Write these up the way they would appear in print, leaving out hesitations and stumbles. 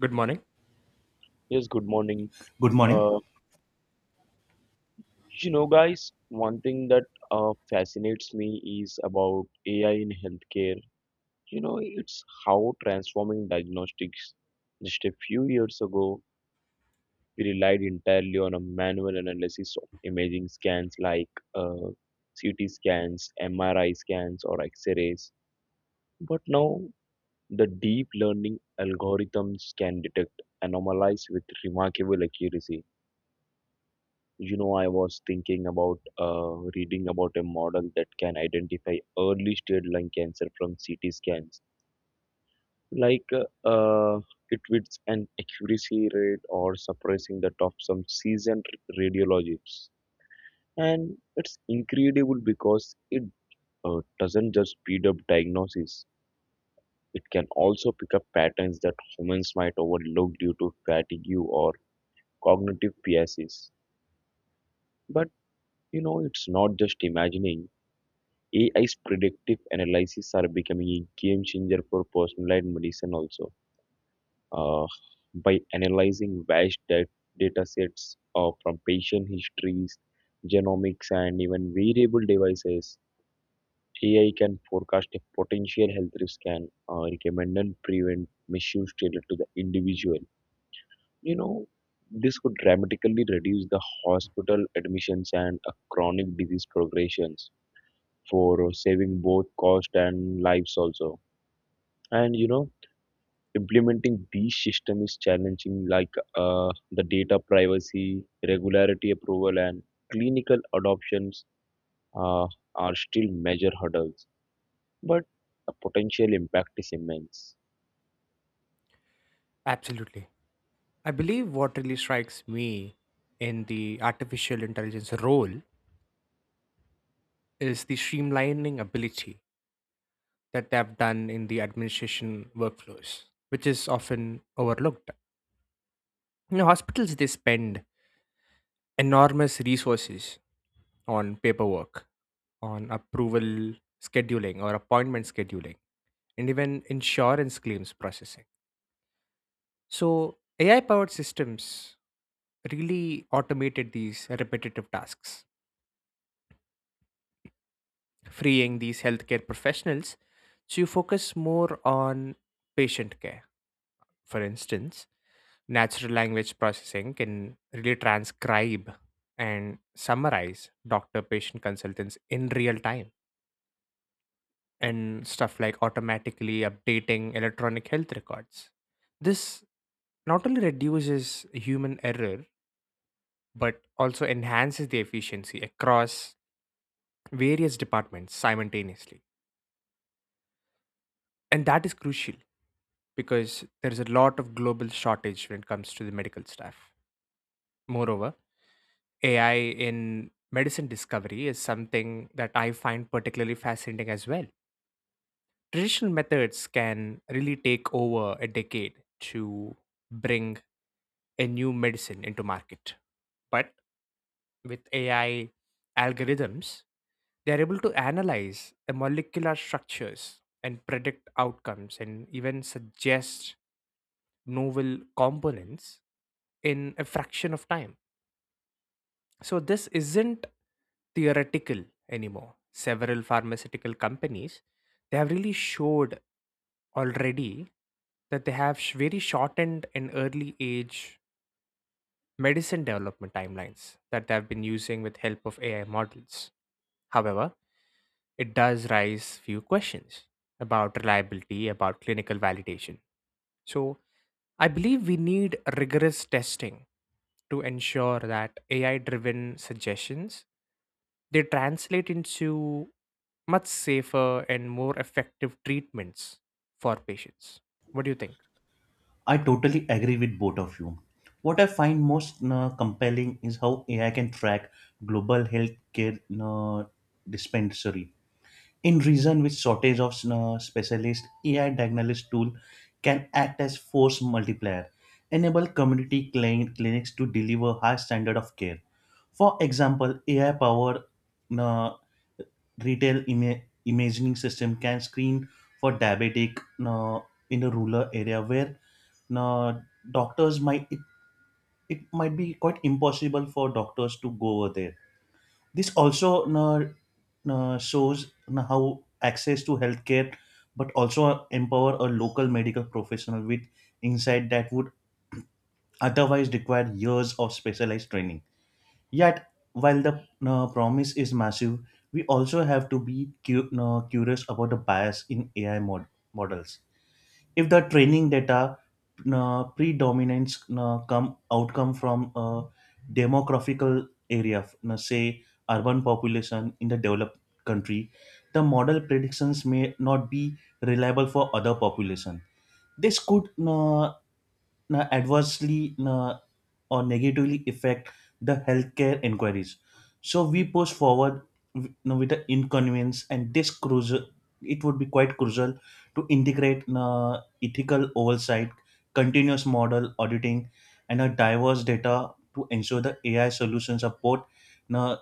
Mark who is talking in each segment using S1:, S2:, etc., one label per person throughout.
S1: Good morning.
S2: Yes, good morning.
S3: Good morning.
S2: Uh, guys, one thing that fascinates me is about AI in healthcare. It's how transforming diagnostics. Just a few years ago, we relied entirely on a manual analysis of imaging scans like CT scans, MRI scans, or X-rays. But now, the deep learning algorithms can detect anomalies with remarkable accuracy. I was thinking about reading about a model that can identify early stage lung cancer from CT scans. Like uh, uh, it with an accuracy rate or surprising that of some seasoned radiologists. And it's incredible because it doesn't just speed up diagnosis. It can also pick up patterns that humans might overlook due to fatigue or cognitive biases. But it's not just imagining. AI's predictive analysis are becoming a game changer for personalized medicine also. Uh, by analyzing vast data sets from patient histories, genomics, and even wearable devices, AI can forecast a potential health risk and recommend and prevent misuse tailored to the individual. You know, this could dramatically reduce the hospital admissions and chronic disease progressions for saving both cost and lives also. And implementing these system is challenging, like the data privacy, regularity approval, and clinical adoptions uh, are still major hurdles. But the potential impact is immense.
S1: Absolutely. I believe what really strikes me in the artificial intelligence role is the streamlining ability that they have done in the administration workflows, which is often overlooked. You know, hospitals they spend enormous resources on paperwork, on approval scheduling or appointment scheduling, and even insurance claims processing. So AI powered systems really automated these repetitive tasks freeing these healthcare professionals to focus more on patient care. For instance, natural language processing can really transcribe and summarize doctor patient consultants in real time and stuff like automatically updating electronic health records. This not only reduces human error but also enhances the efficiency across various departments simultaneously. And that is crucial because there's a lot of global shortage when it comes to the medical staff. Moreover, AI in medicine discovery is something that I find particularly fascinating as well. Traditional methods can really take over a decade to bring a new medicine into market. But with AI algorithms, they are able to analyze the molecular structures and predict outcomes and even suggest novel components in a fraction of time. So, this isn't theoretical anymore. Several pharmaceutical companies they have really showed already that very shortened and early age medicine development timelines that they have been using with help of AI models. However, it does raise few questions about reliability, about clinical validation. So I believe we need rigorous testing to ensure that AI driven suggestions they translate into much safer and more effective treatments for patients. What do you think?
S3: I totally agree with both of you. What I find most compelling is how AI can track global healthcare uh, dispensary in region with shortage of specialist ai diagnostic tool can act as force multiplier enable community clinics to deliver high standard of care, for example ai powered uh, retail imaging system can screen for diabetic uh, in a rural area where uh, doctors it might be quite impossible for doctors to go over there. This also shows na how access to healthcare but also empower a local medical professional with insight that would otherwise require years of specialized training. Yet, while the promise is massive, we also have to be curious about the bias in ai models. If the training data predominates come outcome from a demographical area, say urban population in the developed country, the model predictions may not be reliable for other population. This could adversely or negatively affect the healthcare inquiries. So we push forward, you know, with the inconvenience and this crucial. It would be quite crucial to integrate ethical oversight, continuous model auditing, and a diverse data to ensure the AI solutions are both uh,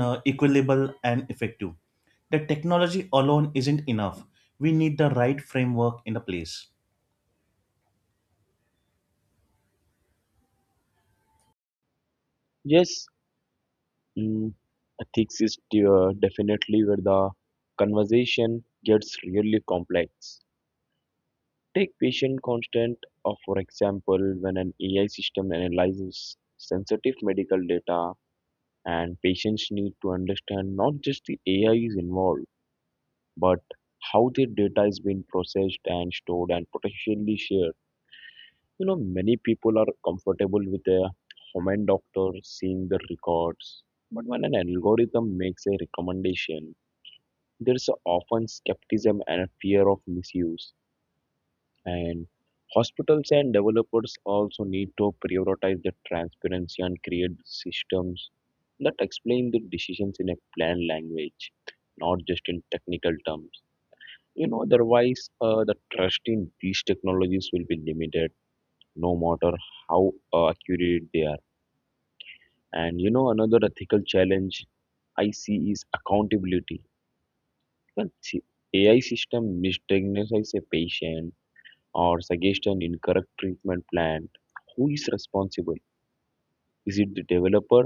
S3: equitable and effective. The technology alone isn't enough. We need the right framework in the place.
S2: Yes, mm, ethics is definitely where the conversation gets really complex. Take patient consent of for example, when an AI system analyzes sensitive medical data and patients need to understand not just the AI is involved, but how their data is being processed and stored and potentially shared. Many people are comfortable with a human doctor seeing the records, but when an algorithm makes a recommendation, there's often skepticism and a fear of misuse. And hospitals and developers also need to prioritize the transparency and create systems that explain the decisions in a plain language, not just in technical terms. Otherwise, the trust in these technologies will be limited, no matter how accurate they are. And another ethical challenge I see is accountability. Well, see, AI system misdiagnoses a patient or suggest an incorrect treatment plan, who is responsible? Is it the developer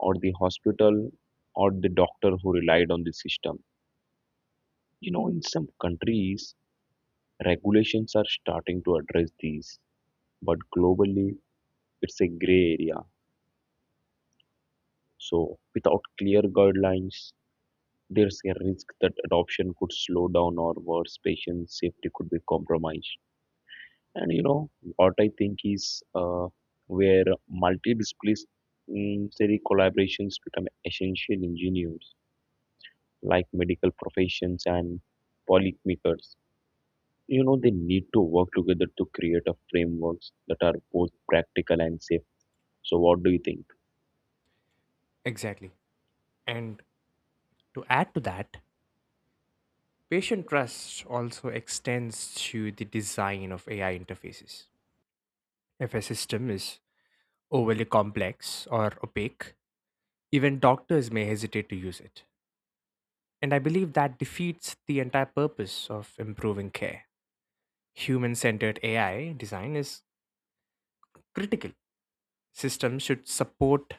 S2: or the hospital or the doctor who relied on the system? In some countries, regulations are starting to address these, but globally, it's a gray area. So, without clear guidelines, there's a risk that adoption could slow down or worse, patient safety could be compromised. And you know what I think is where multidisciplinary collaborations become essential engineers like medical professions and policymakers. They need to work together to create a frameworks that are both practical and safe. So what do you think?
S1: Exactly. And to add to that, patient trust also extends to the design of AI interfaces. If a system is overly complex or opaque, even doctors may hesitate to use it. And I believe that defeats the entire purpose of improving care. Human centered AI design is critical. Systems should support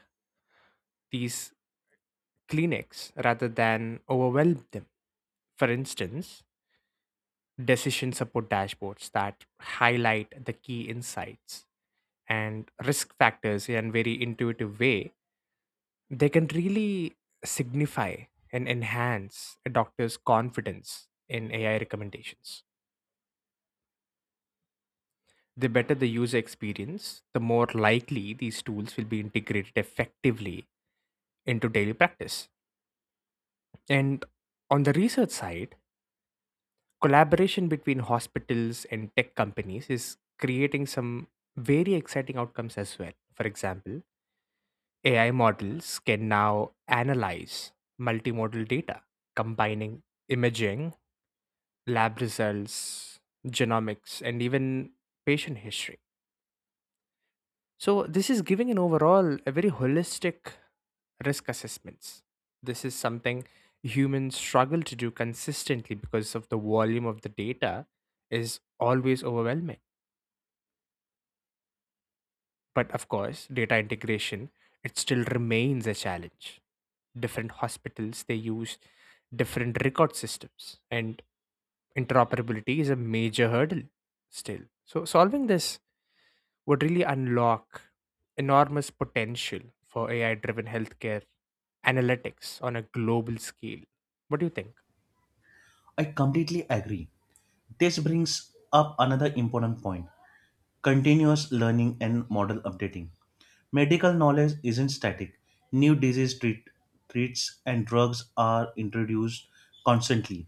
S1: these clinics rather than overwhelm them. For instance, decision support dashboards that highlight the key insights and risk factors in a very intuitive way, they can really signify and enhance a doctor's confidence in AI recommendations. The better the user experience, the more likely these tools will be integrated effectively into daily practice. And on the research side, collaboration between hospitals and tech companies is creating some very exciting outcomes as well. For example, AI models can now analyze multimodal data, combining imaging, lab results, genomics, and even patient history. So this is giving an overall a very holistic risk assessments. This is something humans struggle to do consistently because of the volume of the data is always overwhelming. But of course, data integration it still remains a challenge. Different hospitals they use different record systems and interoperability is a major hurdle still. So solving this would really unlock enormous potential for AI driven healthcare analytics on a global scale. What do you think?
S3: I completely agree. This brings up another important point, continuous learning and model updating. Medical knowledge isn't static. New disease treats and drugs are introduced constantly.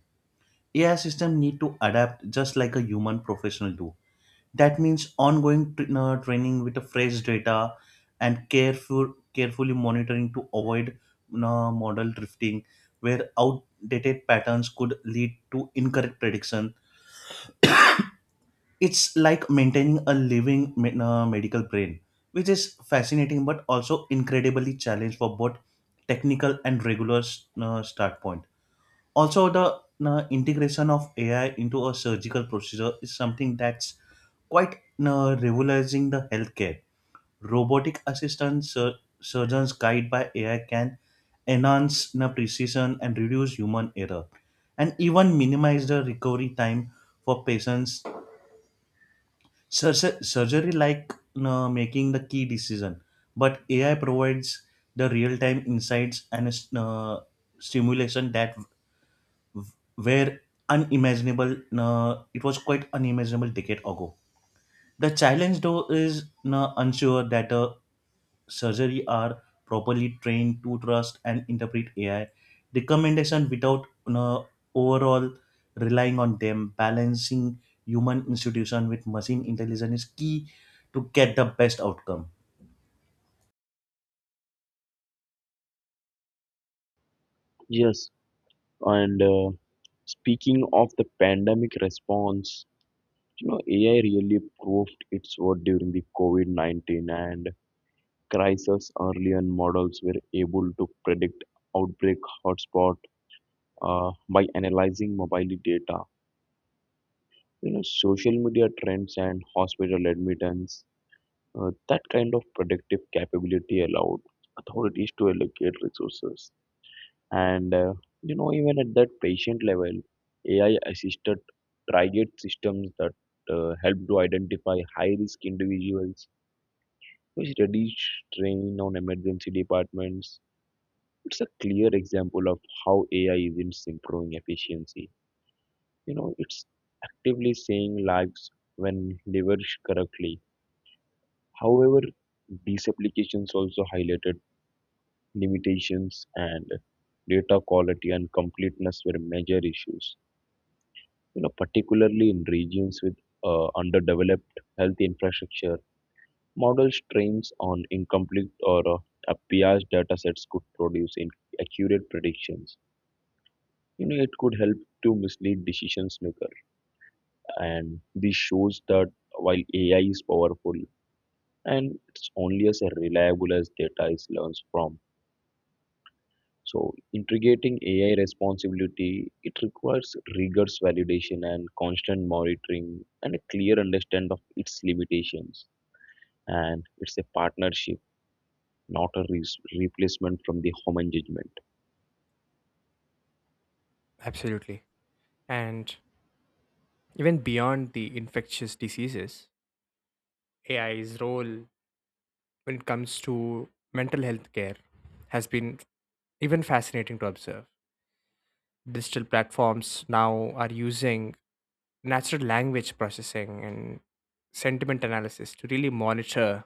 S3: AI systems need to adapt just like a human professional do. That means ongoing training with the fresh data and carefully monitoring to avoid model drifting, where outdated patterns could lead to incorrect predictions. It's like maintaining a living medical brain, which is fascinating but also incredibly challenged for both technical and regular start point. Also, the integration of AI into a surgical procedure is something that's quite revolutionizing the healthcare. Robotic assistant surgeons guided by AI can enhance precision and reduce human error, and even minimize the recovery time for patients. Sur- Surgery like no, making the key decision, but ai provides the real-time insights and uh, stimulation that w- were unimaginable no, it was quite unimaginable decade ago. The challenge though is no, unsure that surgery are properly trained to trust and interpret AI recommendation without you know, overall relying on them. Balancing human institution with machine intelligence is key to get the best outcome.
S2: Yes, and speaking of the pandemic response, AI really proved its worth during the COVID-19 and crisis. Earlier models were able to predict outbreak hotspot by analyzing mobile data. Social media trends and hospital admittance. That kind of predictive capability allowed authorities to allocate resources. And even at that patient level, AI-assisted triage systems that help to identify high-risk individuals, which reduce strain on emergency departments. It's a clear example of how AI isn't improving efficiency. It's actively saving lives when leveraged correctly. However, these applications also highlighted limitations and data quality and completeness were major issues. Particularly in regions with underdeveloped health infrastructure, models trained on incomplete or biased data sets could produce inaccurate predictions. It could help to mislead decisions maker. And this shows that while AI is powerful, and it's only as reliable as data is learns from. So integrating AI responsibility, it requires rigorous validation and constant monitoring and a clear understanding of its limitations. And it's a partnership, not a replacement from the human judgment.
S1: Absolutely. And even beyond the infectious diseases, AI's role when it comes to mental health care has been even fascinating to observe. Digital platforms now are using natural language processing and sentiment analysis to really monitor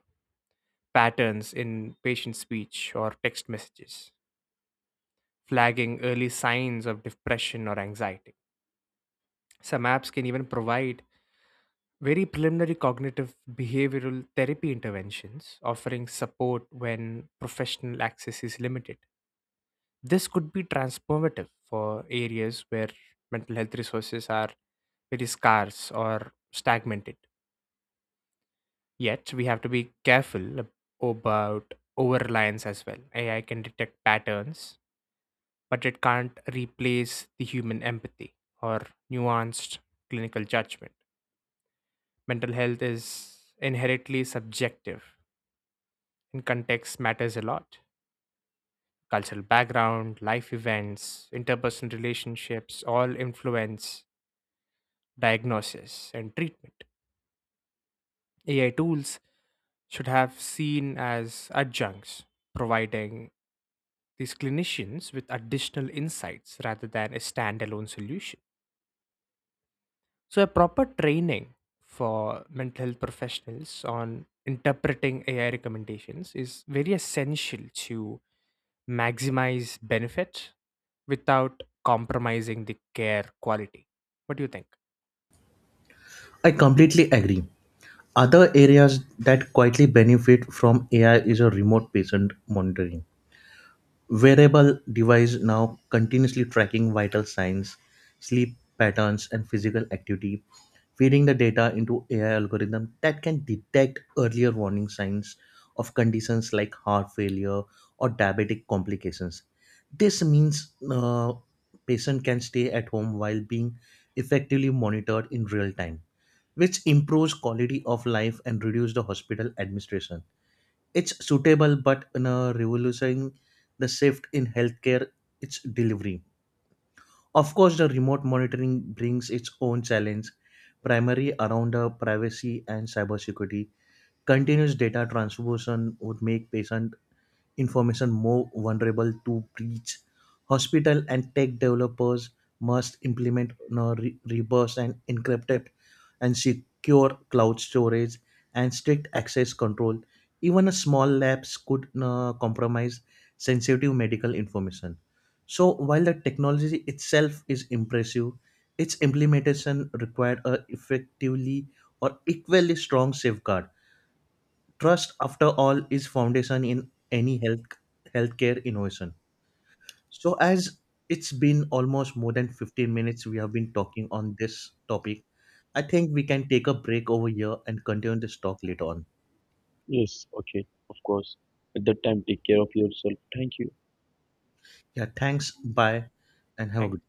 S1: patterns in patient speech or text messages, flagging early signs of depression or anxiety. Some apps can even provide very preliminary cognitive behavioral therapy interventions, offering support when professional access is limited. This could be transformative for areas where mental health resources are very scarce or stagnated. Yet, we have to be careful about over reliance as well. AI can detect patterns, but it can't replace the human empathy or nuanced clinical judgment. Mental health is inherently subjective, and context matters a lot. Cultural background, life events, interpersonal relationships all influence diagnosis and treatment. AI tools should have seen as adjuncts, providing these clinicians with additional insights rather than a standalone solution. So, a proper training for mental health professionals on interpreting AI recommendations is very essential to maximize benefit without compromising the care quality. What do you think?
S3: I completely agree. Other areas that quietly benefit from AI is a remote patient monitoring. Wearable device now continuously tracking vital signs, sleep patterns, and physical activity feeding the data into AI algorithm that can detect earlier warning signs of conditions like heart failure or diabetic complications. This means patient can stay at home while being effectively monitored in real time, which improves quality of life and reduce the hospital administration. It's suitable but in a revolution the shift in healthcare its delivery. Of course, the remote monitoring brings its own challenge, primarily around the privacy and cybersecurity. Continuous data transfusion would make patient information more vulnerable to breach. Hospital and tech developers must implement no reverse and encrypted and secure cloud storage and strict access control. Even a small lapse could compromise sensitive medical information. So while the technology itself is impressive, its implementation required a effectively or equally strong safeguard. Trust, after all, is foundation in any healthcare innovation. So, as it's been almost more than 15 minutes we have been talking on this topic, I think we can take a break over here and continue this talk later on.
S2: Yes, okay, of course. At that time, take care of yourself. Thank you.
S3: Yeah, thanks. Bye, and have a
S1: Thank
S3: good